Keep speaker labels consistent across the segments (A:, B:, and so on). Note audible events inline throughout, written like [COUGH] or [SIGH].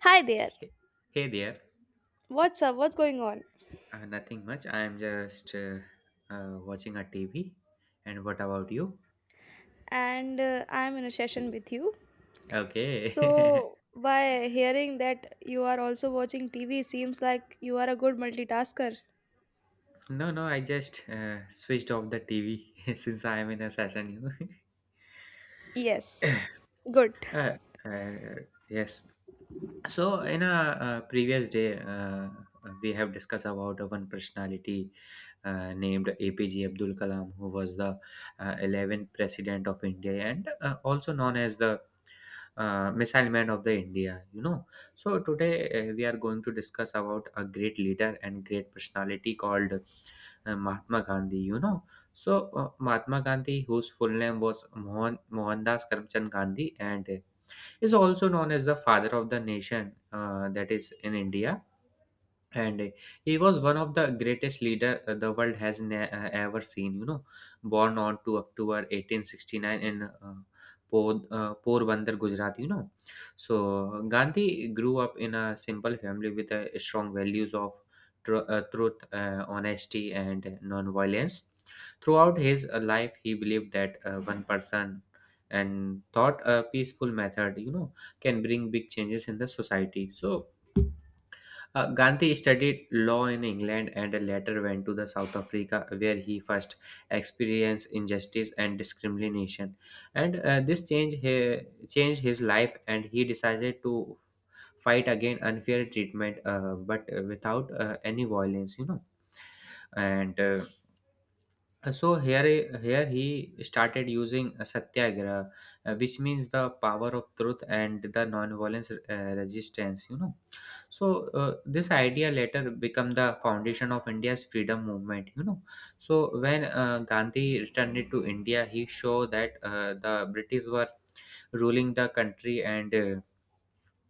A: Hi there.
B: Hey, hey there.
A: What's up? What's going on?
B: Nothing much. I am just watching a TV. And what about you?
A: And I'm in a session with you.
B: Okay.
A: So, by hearing that you are also watching TV, seems like you are a good multitasker.
B: [LAUGHS] No, no. I just switched off the TV [LAUGHS] since I am in a session.
A: Yes. Good.
B: Know. [LAUGHS] Yes. So in a, previous day, we have discussed about one personality named APJ Abdul Kalam, who was the 11th president of India, and also known as the missile man of the India. So today we are going to discuss about a great leader and great personality called Mahatma Gandhi. So Mahatma Gandhi, whose full name was Mohandas Karamchand Gandhi, and is also known as the father of the nation, that is, in India. And he was one of the greatest leader the world has ever seen, born on to October 1869 in Porbandar, Gujarat. So Gandhi grew up in a simple family with strong values of truth, honesty, and non-violence. Throughout his life, he believed that one person and thought a peaceful method can bring big changes in the society. So Gandhi studied law in England and later went to the South Africa, where he first experienced injustice and discrimination. And changed his life, and he decided to fight again unfair treatment, but without any violence. And So here, here he started using satyagraha, which means the power of truth and the non-violence resistance. So this idea later become the foundation of India's freedom movement. So when Gandhi returned to India, he showed that the British were ruling the country, and uh,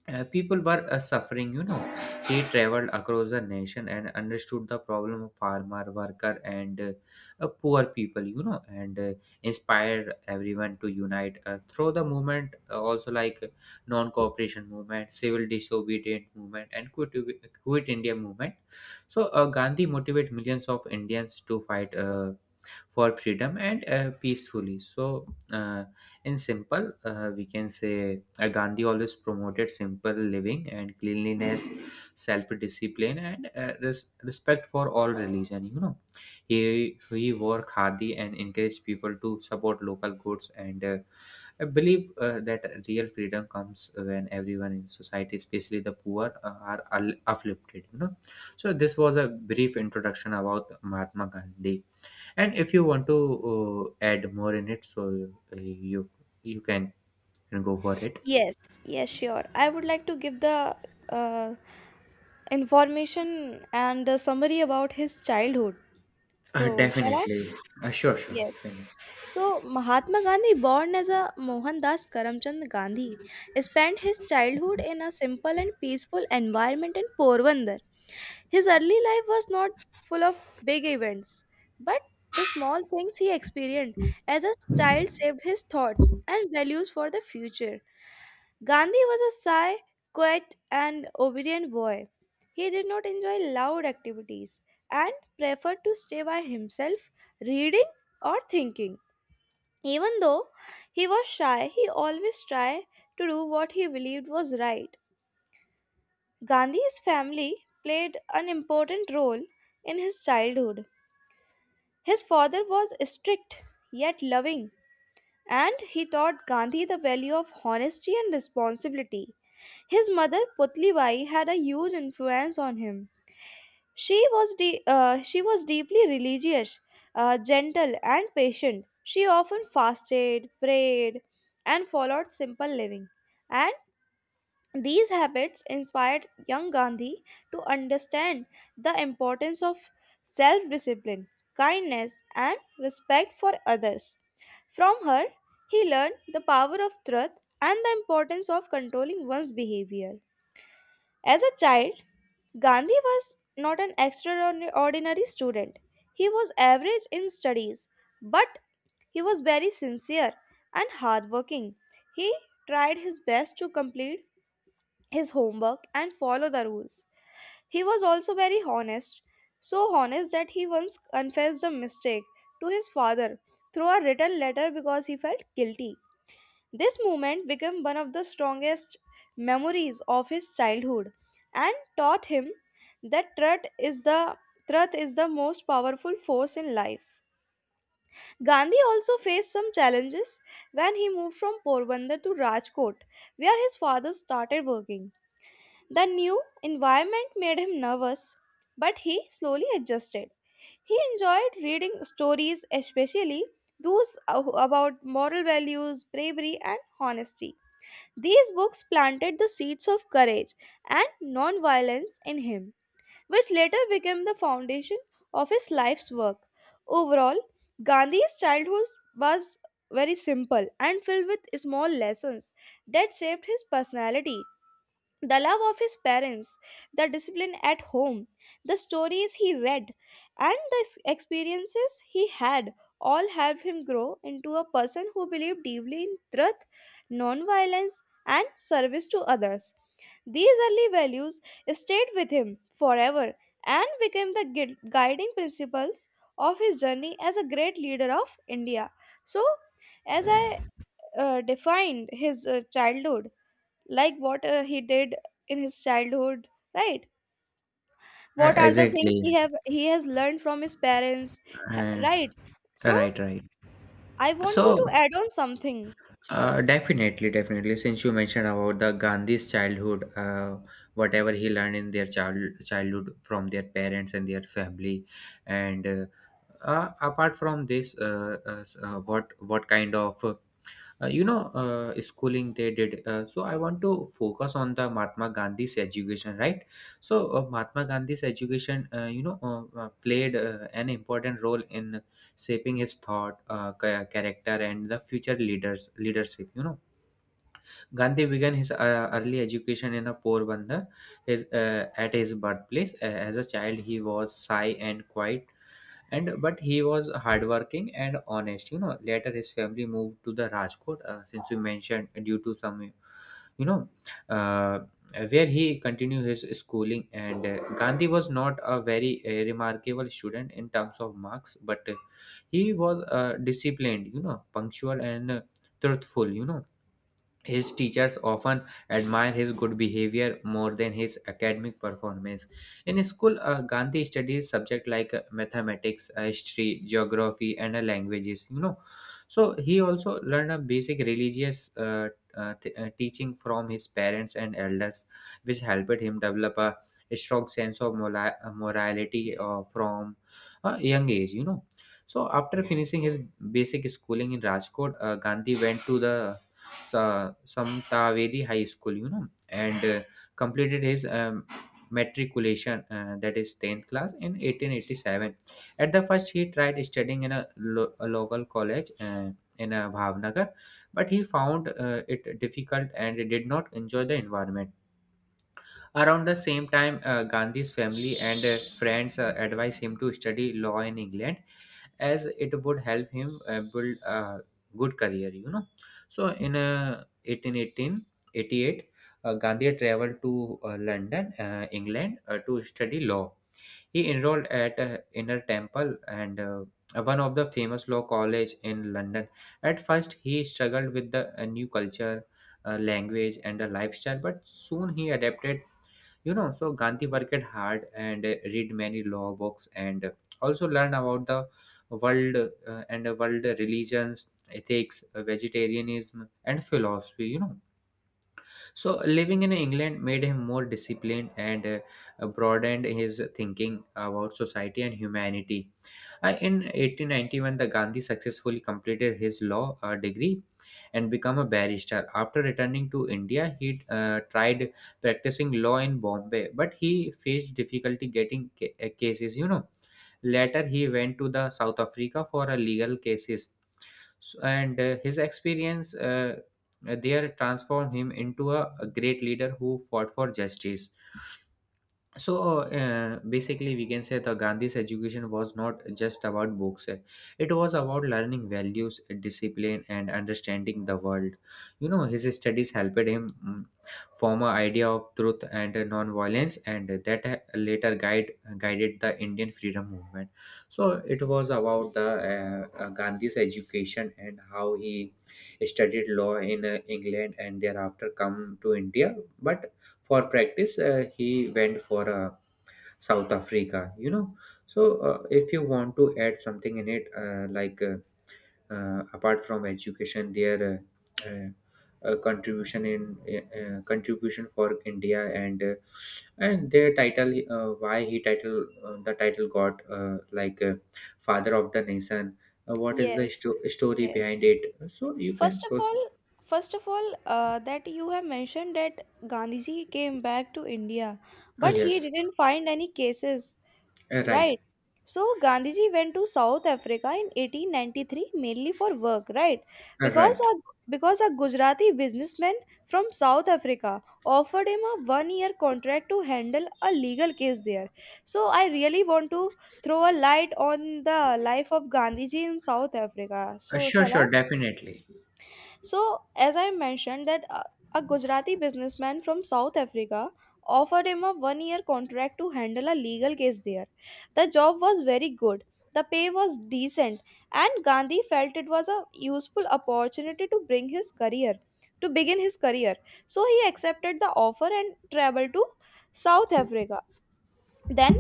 B: uh, people were suffering. He traveled across the nation and understood the problem of farmer worker and poor people, and inspired everyone to unite through the movement, also like non-cooperation movement, civil disobedience movement, and quit india movement. So gandhi motivated millions of indians to fight for freedom, and peacefully. So, in simple, we can say Gandhi always promoted simple living and cleanliness, self discipline, and respect for all religion. He wore khadi and encouraged people to support local goods, and I believe that real freedom comes when everyone in society, especially the poor, are uplifted. So this was a brief introduction about Mahatma Gandhi, and if you want to add more in it, so uh, you you can go for it.
A: Yes. Yes, sure. I would like to give the uh, information and the summary about his childhood. So, shall I?
B: Definitely. Sure, you
A: Yes.
B: can.
A: So, Mahatma Gandhi, born as a Mohandas Karamchand Gandhi, spent his childhood in a simple and peaceful environment in Porbandar. His early life was not full of big events, but the small things he experienced as a child shaped his thoughts and values for the future. Gandhi was a shy, quiet, and obedient boy. He did not enjoy loud activities and preferred to stay by himself, reading or thinking. Even though he was shy, he always tried to do what he believed was right. Gandhi's family played an important role in his childhood. His father was strict yet loving, and he taught Gandhi the value of honesty and responsibility. His mother Putlibai had a huge influence on him. She was deeply religious, gentle and patient. She often fasted, prayed, and followed simple living. And these habits inspired young Gandhi to understand the importance of self discipline, kindness, and respect for others. From her, he learned the power of truth and the importance of controlling one's behavior. As a child, Gandhi was not an extraordinary student. He was average in studies, but he was very sincere and hardworking. He tried his best to complete his homework and follow the rules. He was also very honest, so honest that he once confessed a mistake to his father through a written letter because he felt guilty. This moment became one of the strongest memories of his childhood and taught him that truth is the most powerful force in life. Gandhi also faced some challenges when he moved from Porbandar to Rajkot, where his father started working. The new environment made him nervous, but he slowly adjusted. He enjoyed reading stories, especially those about moral values, bravery, and honesty. These books planted the seeds of courage and nonviolence in him, which later became the foundation of his life's work. Overall, Gandhi's childhood was very simple and filled with small lessons that shaped his personality, the love of his parents, the discipline at home, the stories he read, and the experiences he had all helped him grow into a person who believed deeply in truth, non-violence, and service to others. These early values stayed with him forever and became the guiding principles of his journey as a great leader of India. So, as I defined his childhood, like what he did in his childhood, right? What are the things he
B: Exactly.
A: have he has learned from his parents?
B: uh,
A: Right. So
B: right right
A: I want you to
B: So
A: add on something.
B: definitely, definitely, since you mentioned about the gandhi's childhood, whatever he learned in their childhood from their parents and their family. And apart from this, what kind of schooling they did, so I want to focus on the mahatma gandhi's education, right? So mahatma gandhi's education, played an important role in shaping his thought, character, and the future leaders leadership. Gandhi began his early education in a poor bandar, his at his birthplace. As a child he was shy and quiet, and but he was hardworking and honest. Later his family moved to the rajkot, since we mentioned, due to some, you know uh, where he continued his schooling, and gandhi was not a very remarkable student in terms of marks, but he was disciplined, punctual, and truthful. His teachers often admired his good behavior more than his academic performance. In school, Gandhi studied subjects like mathematics, history, geography, and languages. So he also learned a basic religious teaching from his parents and elders, which helped him develop a strong sense of morality from a young age. So after finishing his basic schooling in Rajkot, Gandhi went to the Samtavedi High School, and completed his matriculation, that is 10th class, in 1887. At the first, he tried studying in a, a local college in Bhavnagar, but he found it difficult and did not enjoy the environment. Around the same time, Gandhi's family and friends advised him to study law in England, as it would help him build a good career. So in eighteen eighteen eighty eight, gandhi traveled to london, england, to study law. He enrolled at inner temple, and one of the famous law college in london. At first he struggled with the new culture, language, and the lifestyle, but soon he adapted. So gandhi worked hard and read many law books, and also learn about the world and the world religions, ethics, vegetarianism, and philosophy. So, living in England made him more disciplined and broadened his thinking about society and humanity. In 1891, the Gandhi successfully completed his law degree and become a barrister. After returning to India, he tried practicing law in Bombay, but he faced difficulty getting cases. Later, he went to the South Africa for a legal cases. And his experience there transformed him into a great leader who fought for justice. So basically we can say the gandhi's education was not just about books, it was about learning values, discipline, and understanding the world. His studies helped him form an idea of truth and non-violence, and that later guided the indian freedom movement. So it was about the gandhi's education, and how he studied law in england, and thereafter come to india, but for practice he went for south africa. So if you want to add something in it, like apart from education, their contribution in contribution for india, and their title, why he title the title got, father of the nation, what is the
A: Yes.
B: story
A: Yes.
B: behind it? So you can
A: first of all
B: proceed.
A: first of all that you have mentioned that Gandhiji came back to India,
B: Ah
A: but he
B: yes.
A: didn't find any cases.
B: Right.
A: Right. So Gandhiji went to south africa in 1893 mainly for work, right? because a,
B: Right.
A: because a Gujarati businessman from South Africa offered him a 1 year contract to handle a legal case there. So I really want to throw a light on the life of Gandhiji in South Africa.
B: uh,
A: So
B: sure
A: shall I?
B: sure definitely.
A: So, as I mentioned, that a Gujarati businessman from South Africa offered him a 1 year contract to handle a legal case there. The job was very good, the pay was decent, and Gandhi felt it was a useful opportunity to bring his career, to begin his career. So, he accepted the offer and traveled to South Africa. Then,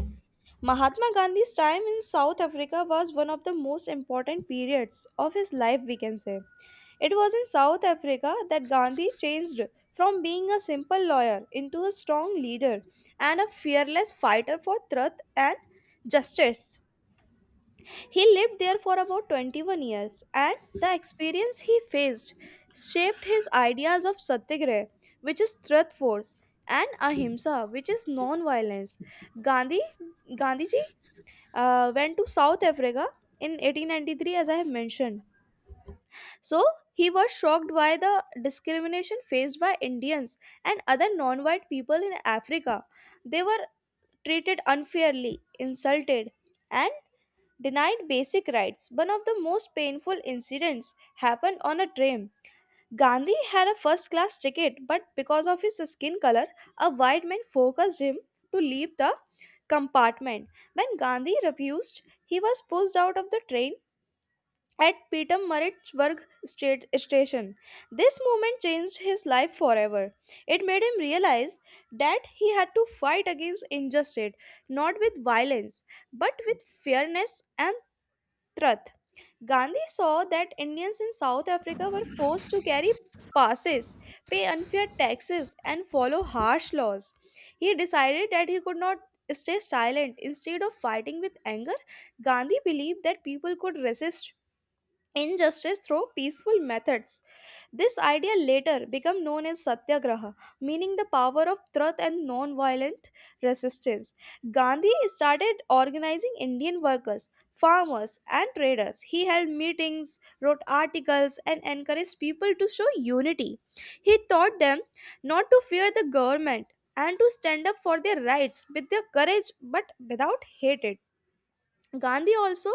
A: Mahatma Gandhi's time in South Africa was one of the most important periods of his life, we can say. It was in South Africa that Gandhi changed from being a simple lawyer into a strong leader and a fearless fighter for truth and justice. He lived there for about 21 years, and the experience he faced shaped his ideas of satyagraha, which is truth force, and ahimsa, which is non-violence. Gandhi, Gandhiji went to South Africa in 1893, as I have mentioned, so he was shocked by the discrimination faced by Indians and other non white people in Africa. They were treated unfairly, insulted, and denied basic rights. One of the most painful incidents happened on a train. Gandhi had a first class ticket, but because of his skin color, a white man forced him to leave the compartment. When Gandhi refused, he was pushed out of the train at Pietermaritzburg state station. This moment changed his life forever. It made him realize that he had to fight against injustice, not with violence, but with fairness and truth. Gandhi saw that Indians in South Africa were forced to carry passes, pay unfair taxes, and follow harsh laws. He decided that he could not stay silent. Instead of fighting with anger, Gandhi believed that people could resist injustice through peaceful methods. This idea later became known as satyagraha, meaning the power of truth and non-violent resistance. Gandhi started organizing Indian workers, farmers, and traders. He held meetings, wrote articles, and encouraged people to show unity. He taught them not to fear the government and to stand up for their rights with their courage but without hatred. Gandhi also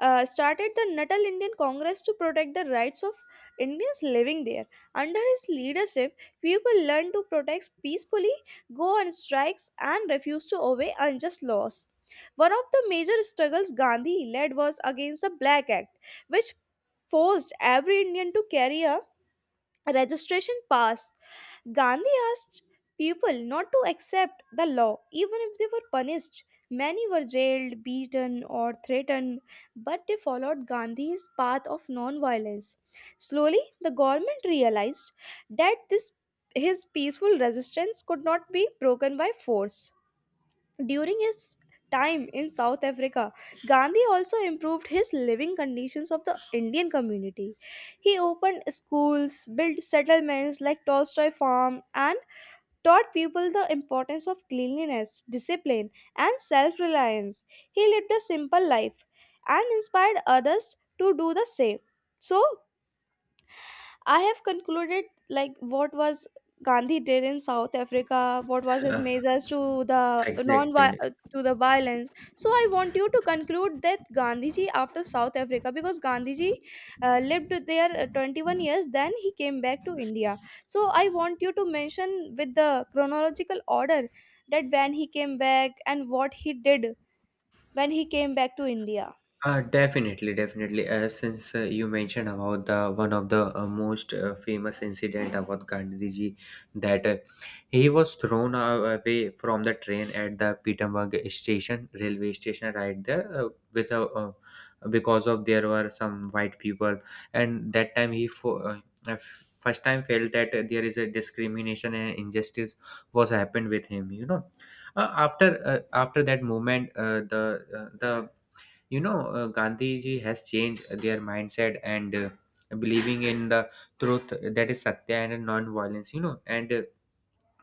A: started the Natal Indian Congress to protect the rights of Indians living there. Under his leadership, people learned to protest peacefully, go on strikes, and refuse to obey unjust laws. One of the major struggles Gandhi led was against the Black Act, which forced every Indian to carry a registration pass. Gandhi asked people not to accept the law even if they were punished. Many were jailed, beaten, or threatened, but they followed Gandhi's path of non-violence. Slowly, the government realized that this his peaceful resistance could not be broken by force. During his time in South Africa, Gandhi also improved his living conditions of the Indian community. He opened schools, built settlements like Tolstoy Farm, and taught people the importance of cleanliness, discipline, and self reliance. He lived a simple life and inspired others to do the same. So, I have concluded like what was Gandhi did in South Africa, what was his
B: Uh,
A: measures to the
B: Exactly.
A: violence. So I want you to conclude that Gandhiji after South Africa, because Gandhiji lived there 21 years, then he came back to India. So I want you to mention with the chronological order that when he came back and what he did when he came back to India.
B: Definitely, definitely, since you mentioned about the one of the most famous incident about Gandhiji, that he was thrown away from the train at the Peterborough station, railway station, right there, with a because of there were some white people, and that time he uh, first time felt that there is a discrimination and injustice was happened with him. After after that moment, the gandhiji has changed their mindset, and believing in the truth, that is satya and non-violence. You know and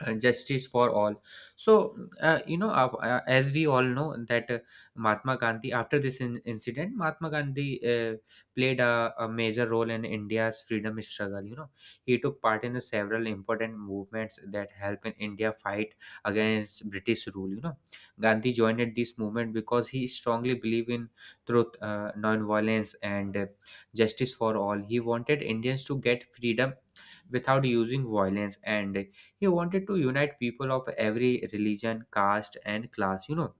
B: Justice for all. So as we all know that mahatma gandhi, after this incident, mahatma gandhi uh, played a major role in india's freedom struggle. He took part in the several important movements that helped in india fight against british rule. Gandhi joined this movement because he strongly believed in truth, non-violence, and justice for all. He wanted indians to get freedom without using violence, and he wanted to unite people of every religion, caste, and class.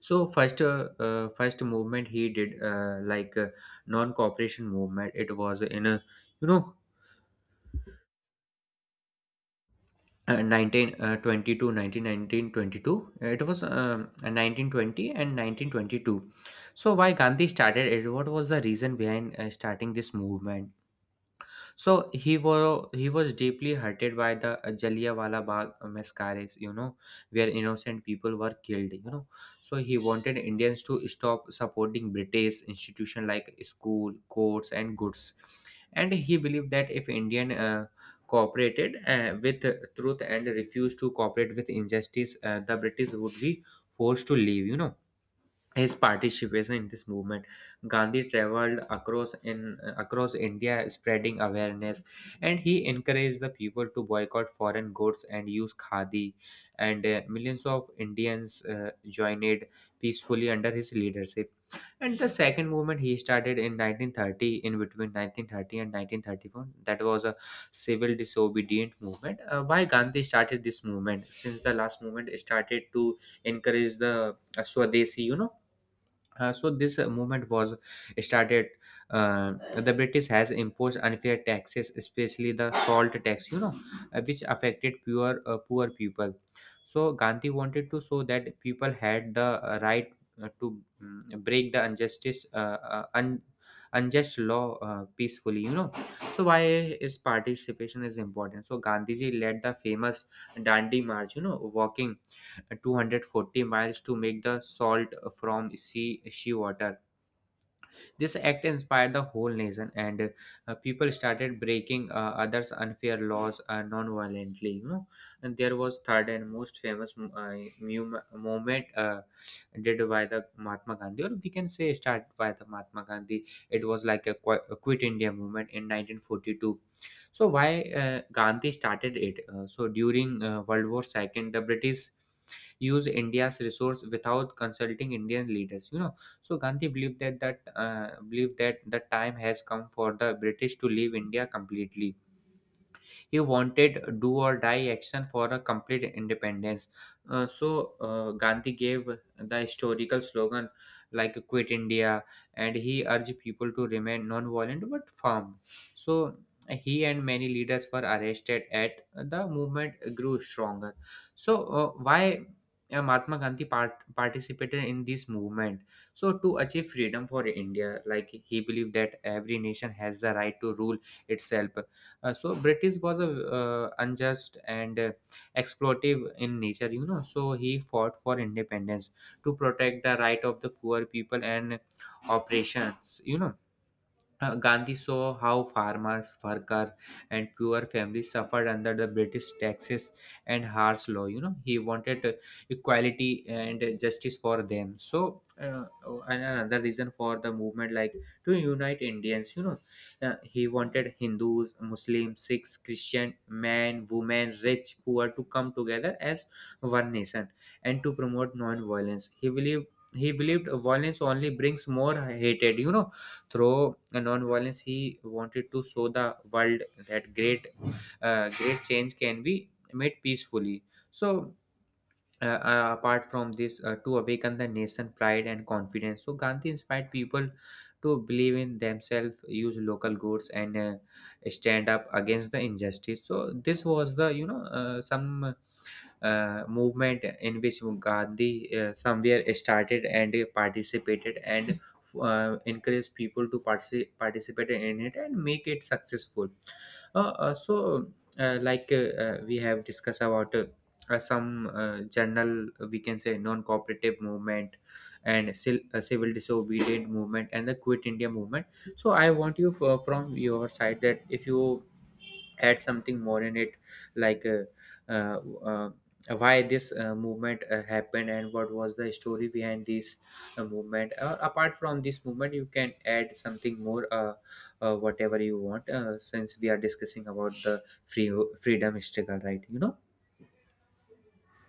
B: So first, first movement he did, non-cooperation movement. It was in a, you know. 1922, it was, 1920 and 1922. So why gandhi started it, what was the reason behind starting this movement? So he was deeply hurted by the Jallianwala Bagh massacres, where innocent people were killed. So he wanted Indians to stop supporting British institutions like school, courts, and goods, and he believed that if Indian cooperated with truth and refused to cooperate with injustice, the British would be forced to leave, you know his participation in this movement gandhi traveled across india spreading awareness, and he encouraged the people to boycott foreign goods and use khadi. And millions of indians joined peacefully under his leadership. And the second movement he started in 1930, in between 1930 and 1931, that was a civil disobedient movement. Why gandhi started this movement? Since the last movement started to encourage the swadeshi, you know, so this movement was started. The British has imposed unfair taxes, especially the salt tax, you know, which affected poor people. So Gandhi wanted to show that people had the right to break the injustice, uh, un, unjust law peacefully, you know. So why is participation is important? So Gandhiji led the famous Dandi March, you know, walking 240 miles to make the salt from seawater. This act inspired the whole nation, and people started breaking others' unfair laws non-violently. You know, and there was third and most famous movement did by the Mahatma Gandhi, or we can say start by the Mahatma Gandhi. It was like a, a quit India movement in 1942. So why Gandhi started it? So during World War Second, the British used India's resource without consulting Indian leaders. You know so Gandhi believed that the time has come for the British to leave India completely. He wanted do or die action for a complete independence. Gandhi gave the historical slogan like "Quit India," and he urged people to remain non-violent but firm. So he and many leaders were arrested at the movement grew stronger. So why mahatma gandhi participated in this movement? So to achieve freedom for india, like, he believed that every nation has the right to rule itself. So British was a unjust and exploitive in nature, you know. So he fought for independence to protect the right of the poor people and operations, you know. Gandhi saw how farmers, worker, and poor families suffered under the British taxes and harsh law. You know, he wanted equality and justice for them. So, and another reason for the movement, like, to unite Indians. You know, he wanted Hindus, Muslims, Sikhs, Christian, men, women, rich, poor to come together as one nation and to promote non-violence. He believed violence only brings more hatred. You know through a non-violence he wanted to show the world that great change can be made peacefully. So uh, uh, apart from this, to awaken the nation pride and confidence, so gandhi inspired people to believe in themselves, use local goods, and stand up against the injustice. So this was the, you know, some movement in which Gandhi somewhere started and he participated, and encouraged people to participate in it and make it successful. Uh, uh, so, uh, like uh, we have discussed about some general, we can say, non-cooperative movement, and civil, civil disobedient movement, and the Quit India movement. So, I want you from your side that if you add something more in it, like uh, uh, why this movement happened and what was the story behind this movement. Apart from this movement you can add something more, whatever you want, since we are discussing about the freedom struggle, right, you know.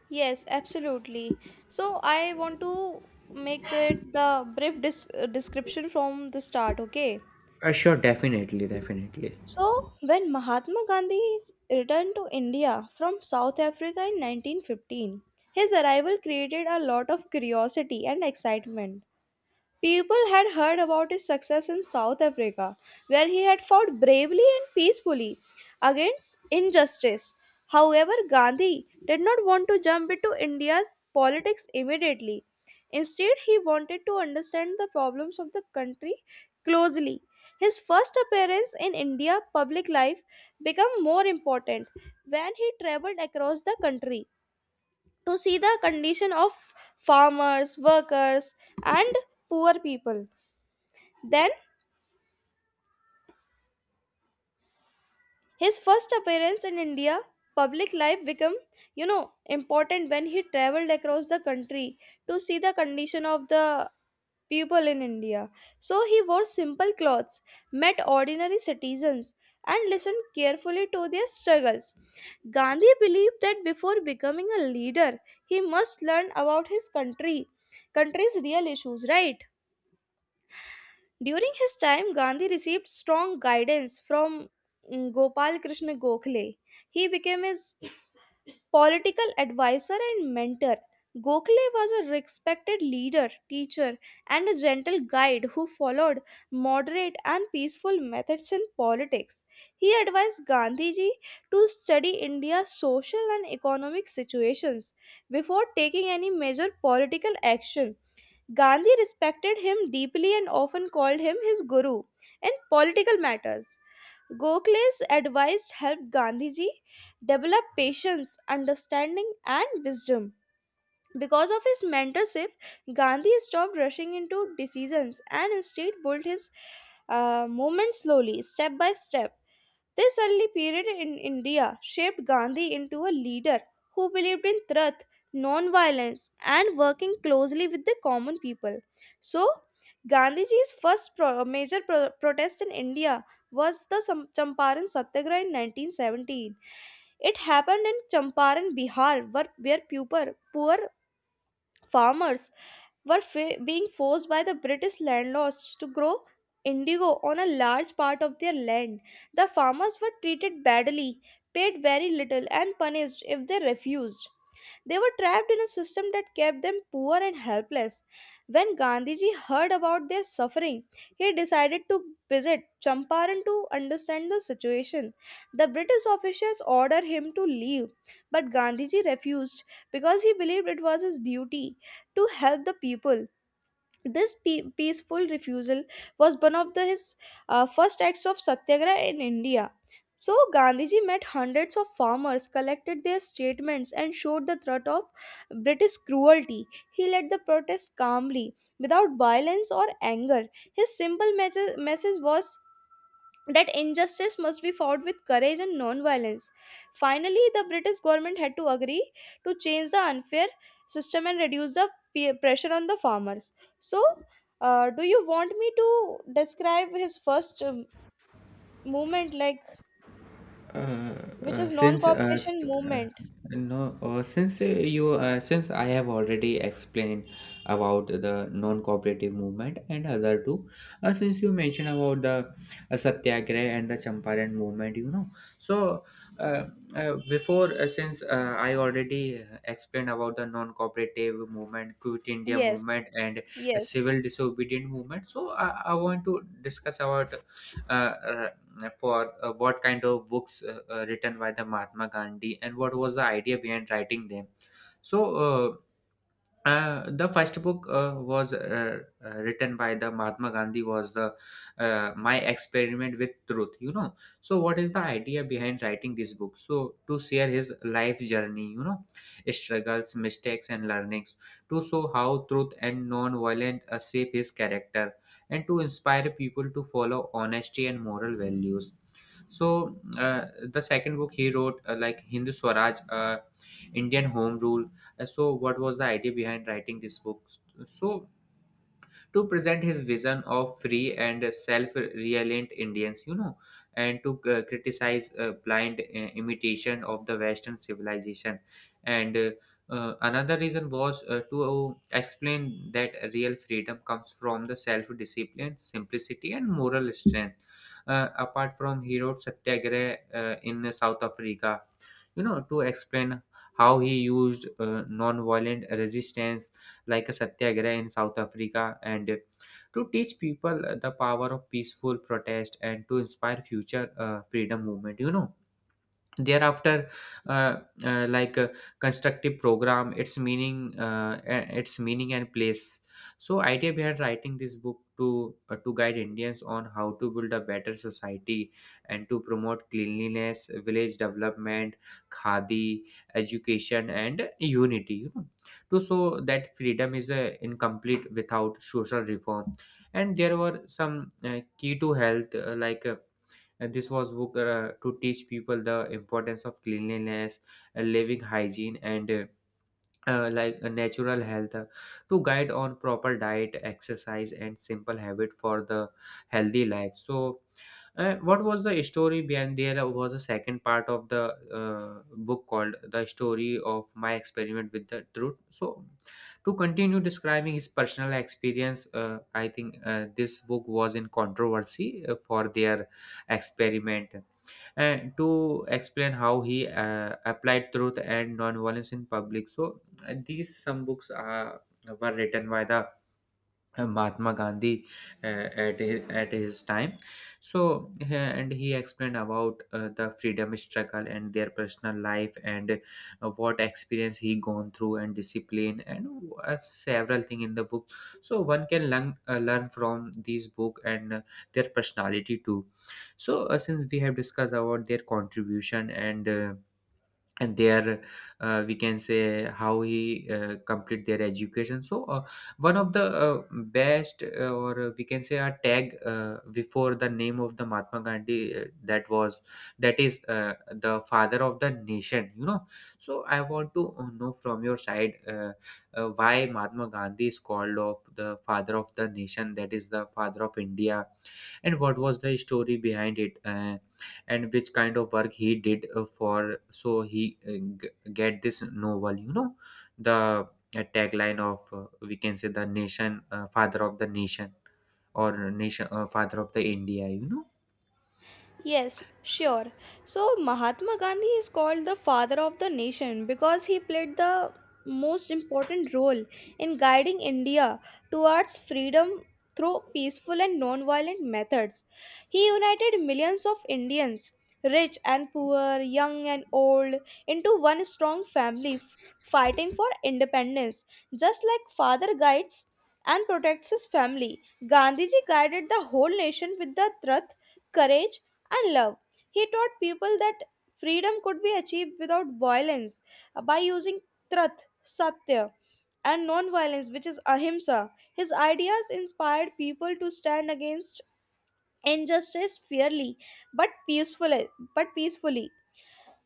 A: Yes, absolutely. So I want to make it the brief description from the start, okay?
B: Sure, definitely, definitely.
A: So when Mahatma Gandhi returned to India from South Africa in 1915, his arrival created a lot of curiosity and excitement. People had heard about his success in South Africa, where he had fought bravely and peacefully against injustice. However, Gandhi did not want to jump into India's politics immediately. Instead, he wanted to understand the problems of the country closely. His first appearance in India public life became more important when he traveled across the country to see the condition of farmers, workers, and poor people. Then his first appearance in India public life became, important when he traveled across the country to see the condition of the people in India. So he wore simple clothes, met ordinary citizens, and listened carefully to their struggles. Gandhi believed that before becoming a leader, he must learn about his country, country's real issues, right? During his time, Gandhi received strong guidance from Gopal Krishna Gokhale. He became his political advisor and mentor. Gokhale was a respected leader, teacher, and a gentle guide who followed moderate and peaceful methods in politics. He advised Gandhiji to study India's social and economic situations before taking any major political action. Gandhi respected him deeply and often called him his guru in political matters. Gokhale's advice helped Gandhiji develop patience, understanding, and wisdom. Because of his mentorship, Gandhi stopped rushing into decisions and instead built his movement slowly, step by step. This early period in India shaped Gandhi into a leader who believed in truth, non-violence, and working closely with the common people. So, Gandhiji's first major protest in India was the Champaran Satyagraha in 1917. It happened in Champaran, Bihar, where poor farmers were being forced by the British landlords to grow indigo on a large part of their land. The farmers were treated badly, paid very little, and punished if they refused. They were trapped in a system that kept them poor and helpless. When Gandhiji heard about their suffering, he decided to visit Champaran to understand the situation. The British officials ordered him to leave, but Gandhiji refused because he believed it was his duty to help the people. Peaceful refusal was his first acts of satyagraha in India. So Gandhiji met hundreds of farmers, collected their statements, and showed the threat of British cruelty. He led the protest calmly, without violence or anger. His simple message was that injustice must be fought with courage and non-violence. Finally, the British government had to agree to change the unfair system and reduce the peer pressure on the farmers. So, do you want me to describe his first movement, like
B: Uh,
A: which is
B: since s-
A: non-cooperation movement?
B: no since you Since I have already explained about the non-cooperative movement and other two, since you mentioned about the satyagraha and the champaran movement, you know, so uh, before since I already explained about the non-cooperative movement, quit india
A: Yes,
B: movement, and
A: yes.
B: civil disobedient movement, so I want to discuss about uh, uh, for what kind of books written by the Mahatma Gandhi and what was the idea behind writing them. So. The first book was written by the Mahatma Gandhi was the My Experiment with Truth. You know, so what is the idea behind writing this book? So to share his life journey, you know, struggles, mistakes, and learnings, to show how truth and non-violence shape his character, and to inspire people to follow honesty and moral values. So the second book he wrote, like Hindu Swaraj, Indian Home Rule. So, what was the idea behind writing this book? So, to present his vision of free and self-reliant Indians, you know, and to criticize blind imitation of the Western civilization. And another reason was to explain that real freedom comes from the self-discipline, simplicity, and moral strength. Apart from Hero Satyagraha in South Africa, you know, to explain how he used non-violent resistance like a satyagraha in south africa, and to teach people the power of peaceful protest, and to inspire future freedom movement, you know. Thereafter uh, like a constructive program, its meaning, its meaning and place. So idea behind writing this book, to guide indians on how to build a better society, and to promote cleanliness, village development, khadi, education, and unity, you know, to show that freedom is incomplete without social reform. And there were some key to health, and this was book to teach people the importance of cleanliness, living hygiene, and like a natural health, to guide on proper diet, exercise, and simple habit for the healthy life. So what was the story behind, there was a second part of the book called the story of my experiment with the truth. So to continue describing his personal experience, I think this book was in controversy for their experiment, and to explain how he applied truth and nonviolence in public. So these some books were written by the Mahatma Gandhi at his time. So and he explained about the freedom struggle and their personal life and what experience he gone through, and discipline, and several thing in the book. So one can learn learn from these book and their personality too. So since we have discussed about their contribution and and their, we can say how he complete their education. So one of the best or we can say a tag before the name of the mahatma gandhi, that is the father of the nation, you know. So I want to know from your side, why mahatma gandhi is called of the father of the nation, that is the father of india, and what was the story behind it, and which kind of work he did for so he get this novel, you know, the tagline of, we can say, the nation father of the nation, or nation father of the india, you know.
A: Yes, sure. So Mahatma Gandhi is called the father of the nation because he played the most important role in guiding India towards freedom through peaceful and non-violent methods. He united millions of Indians, rich and poor, young and old, into one strong family, fighting for independence, just like father guides and protects his family. Gandhiji guided the whole nation with the truth, courage, and love. He taught people that freedom could be achieved without violence by using truth, satya, and non violence, which is ahimsa. His ideas inspired people to stand against injustice fairly but peacefully.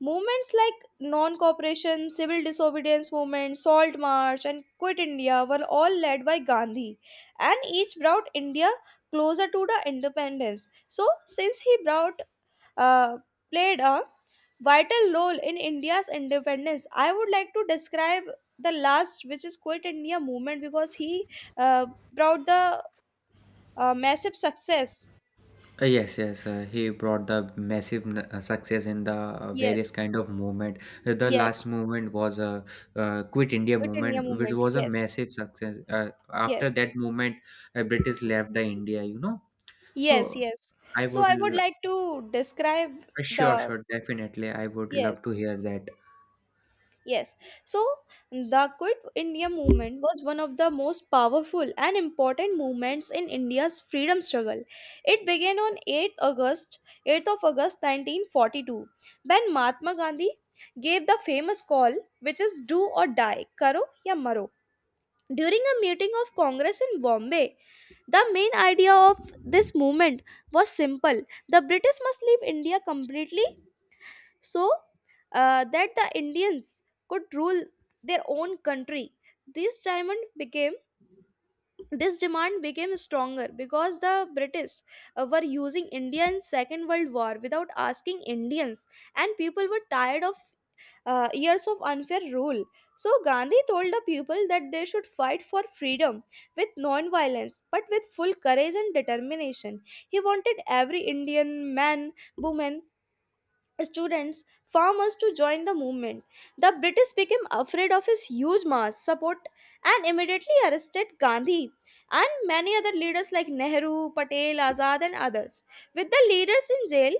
A: Movements like non cooperation, civil disobedience movement, Salt March, and Quit India were all led by Gandhi, and each brought India closer to the independence. So, since he brought uh, played a vital role in India's independence, I would like to describe the last, which is Quit India movement, because he uh, brought the massive success.
B: Yes, yes. He brought the massive success in the various
A: Yes,
B: kind of movement. The
A: yes,
B: last movement was a Quit India
A: Quit India
B: movement, which
A: movement.
B: was a
A: Yes,
B: massive success. After
A: yes.
B: that movement, British left the India. You know,
A: Yes,
B: so
A: yes.
B: I
A: So
B: would
A: I would like to describe
B: sure,
A: the
B: sure, definitely. I would love to
A: yes,
B: hear that.
A: yes. So the Quit India movement was one of the most powerful and important movements in India's freedom struggle. It began on 8th of August 1942, when Mahatma Gandhi gave the famous call which is do or die, karo ya maro. During a meeting of Congress in Bombay, the main idea of this movement was simple: the British must leave India completely so that the Indians could rule their own country. This diamond became this demand became stronger because the British were using India in Second World War without asking Indians, and people were tired of years of unfair rule. So Gandhi told the people that they should fight for freedom with non-violence, but with full courage and determination. He wanted every Indian man, woman, students, farmers to join the movement. The British became afraid of his huge mass support and immediately arrested Gandhi and many other leaders like Nehru, Patel, Azad, and others. With the leaders in jail,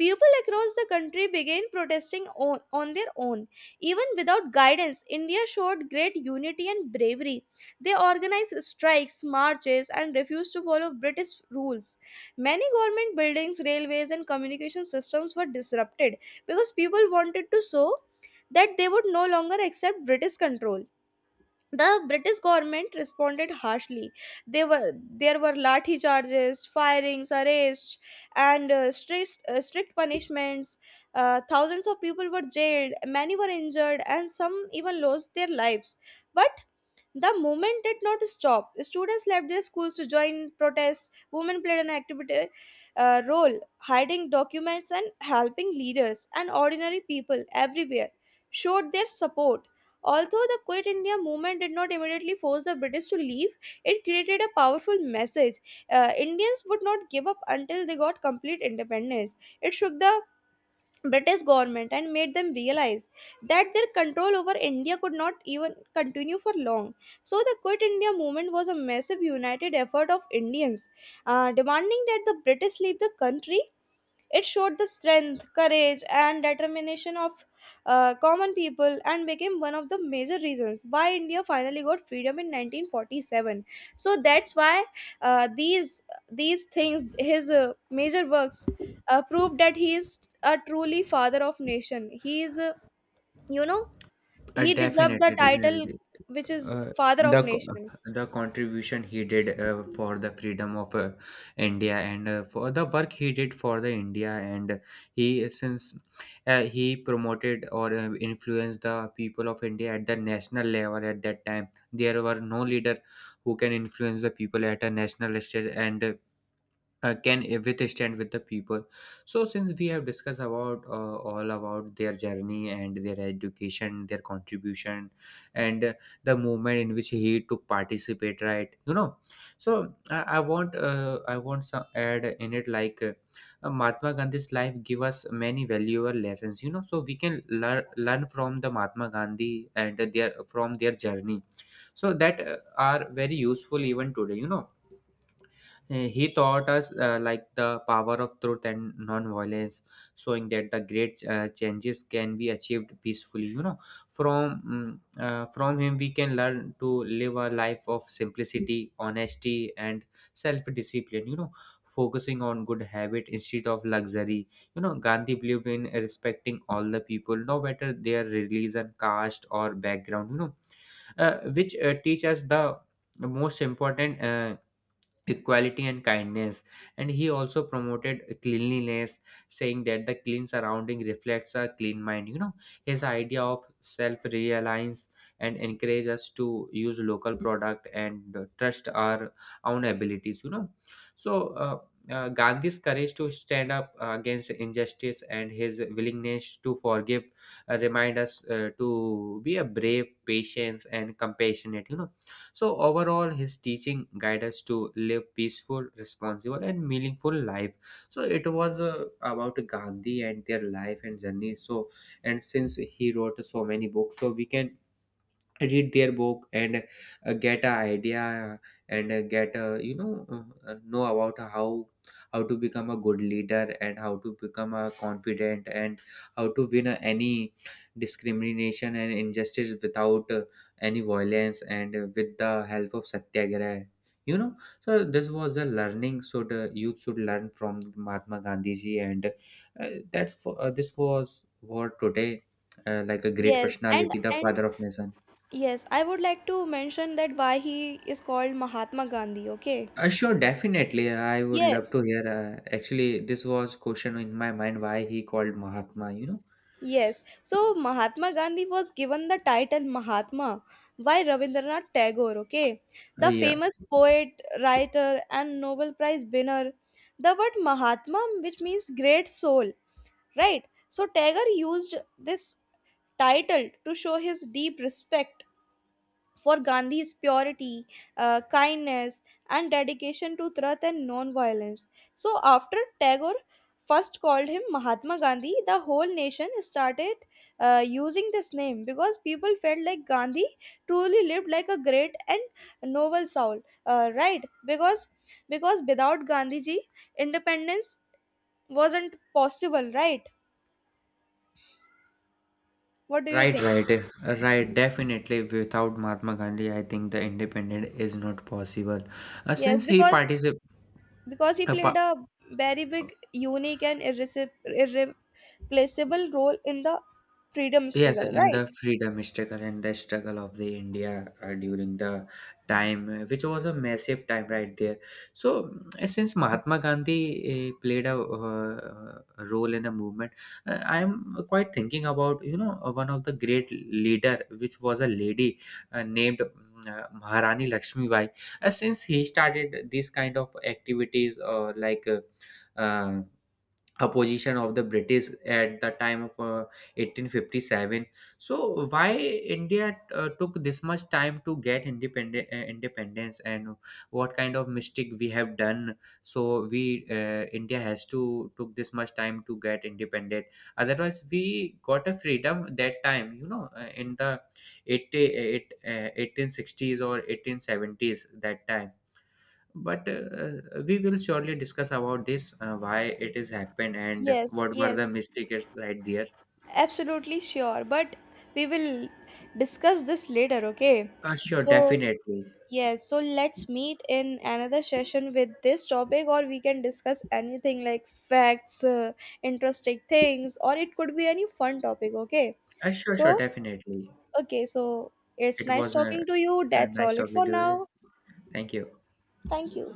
A: people across the country began protesting on their own. Even without guidance, India showed great unity and bravery. They organized strikes, marches, and refused to follow British rules. Many government buildings, railways, and communication systems were disrupted because people wanted to show that they would no longer accept British control. The British government responded harshly. There were lathi charges, firings, arrests, and strict punishments. Thousands of people were jailed, many were injured, and some even lost their lives. But the movement did not stop. Students left their schools to join protests. Women played an activity role, hiding documents and helping leaders, and ordinary people everywhere showed their support. Although the Quit India movement did not immediately force the British to leave, it created a powerful message. Indians would not give up until they got complete independence. It shook the British government and made them realize that their control over India could not even continue for long. So, the Quit India movement was a massive united effort of Indians demanding that the British leave the country. It showed the strength, courage, and determination of common people and became one of the major reasons why India finally got freedom in 1947. So that's why uh, these these things, his major works, proved that he is a truly father of nation. He is, you know, he deserved the
B: Definitely,
A: title
B: definitely.
A: which is
B: Uh,
A: father of
B: the co-
A: nation.
B: the contribution he did for the freedom of India, and for the work he did for the India, and he since he promoted or influenced the people of India at the national level. At that time there were no leader who can influence the people at a national stage, and can withstand with the people. So since we have discussed about all about their journey and their education, their contribution, and the movement in which he took participate, right, you know. So I want, some add in it, like, mahatma gandhi's life give us many valuable lessons, you know, so we can learn from the mahatma gandhi and their, from their journey, so that are very useful even today, you know. Uh, He taught us like the power of truth and non-violence, showing that the great changes can be achieved peacefully. You know, from from him we can learn to live a life of simplicity, honesty, and self-discipline. You know, focusing on good habit instead of luxury. You know, Gandhi believed in respecting all the people, no matter their religion, caste, or background. You know, which teach us the most important. Equality and kindness. And he also promoted cleanliness, saying that the clean surrounding reflects a clean mind, you know. His idea of self reliance and encourage us to use local product and trust our own abilities, you know. So Gandhi's courage to stand up against injustice and his willingness to forgive remind us to be a brave, patient, and compassionate. You know, so, overall, his teaching guide us to live peaceful, responsible, and meaningful life. So, it was about Gandhi and their life and journey. So, and since he wrote so many books, so we can read their book and get an idea, and get you know, know about how to become a good leader, and how to become a confident, and how to win any discrimination and injustice without any violence, and with the help of satyagraha, you know. So this was the learning. So the youth should learn from mahatma gandhi ji, and this was what today, like a great
A: Yes, and
B: personality, the
A: and
B: father of nation.
A: yes, I would like to mention that why he is called Mahatma Gandhi. Okay.
B: Sure, definitely. I would love
A: Yes,
B: to hear. Actually, this was question in my mind why he called Mahatma. You know,
A: yes. So Mahatma Gandhi was given the title Mahatma by Rabindranath Tagore, okay? The
B: yeah,
A: famous poet, writer, and Nobel Prize winner. The word Mahatma, which means great soul, right? So Tagore used this title to show his deep respect for Gandhi's purity, kindness, and dedication to truth and non-violence. So after Tagore first called him Mahatma Gandhi, the whole nation started using this name because people felt like Gandhi truly lived like a great and noble soul, right? Because without Gandhiji, independence wasn't possible, right? What do you
B: right,
A: think?
B: right. Right. Definitely, without Mahatma Gandhi, I think the independence is not possible.
A: Yes,
B: Since he
A: because
B: participated.
A: because he played a very big, unique, and irreplaceable role in the freedom
B: Yes,
A: struggle,
B: in
A: right?
B: the freedom struggle and the struggle of the India during the time, which was a massive time right there. So, since Mahatma Gandhi played a role in a movement, I am quite thinking about, you know, one of the great leader, which was a lady named Maharani Lakshmi Bai. Since he started these kind of activities, or like. Uh, Opposition of the british at the time of 1857. So why india took this much time to get independent independence, and what kind of mistake we have done, so we, india has to took this much time to get independent. Otherwise we got a freedom that time, you know, in the 1860s or 1870s, that time. But we will surely discuss about this, why it is happened and
A: Yes,
B: what were
A: yes,
B: the mistakes right there.
A: absolutely sure. But we will discuss this later, okay?
B: Uh, sure,
A: So,
B: definitely.
A: yes, so let's meet in another session with this topic, or we can discuss anything like facts, interesting things, or it could be any fun topic, okay?
B: Uh, sure, sure,
A: So,
B: definitely.
A: okay, so it's
B: It
A: nice
B: was
A: talking to you. That's all
B: nice
A: it
B: talking
A: for
B: to you.
A: now.
B: Thank you.
A: Thank you.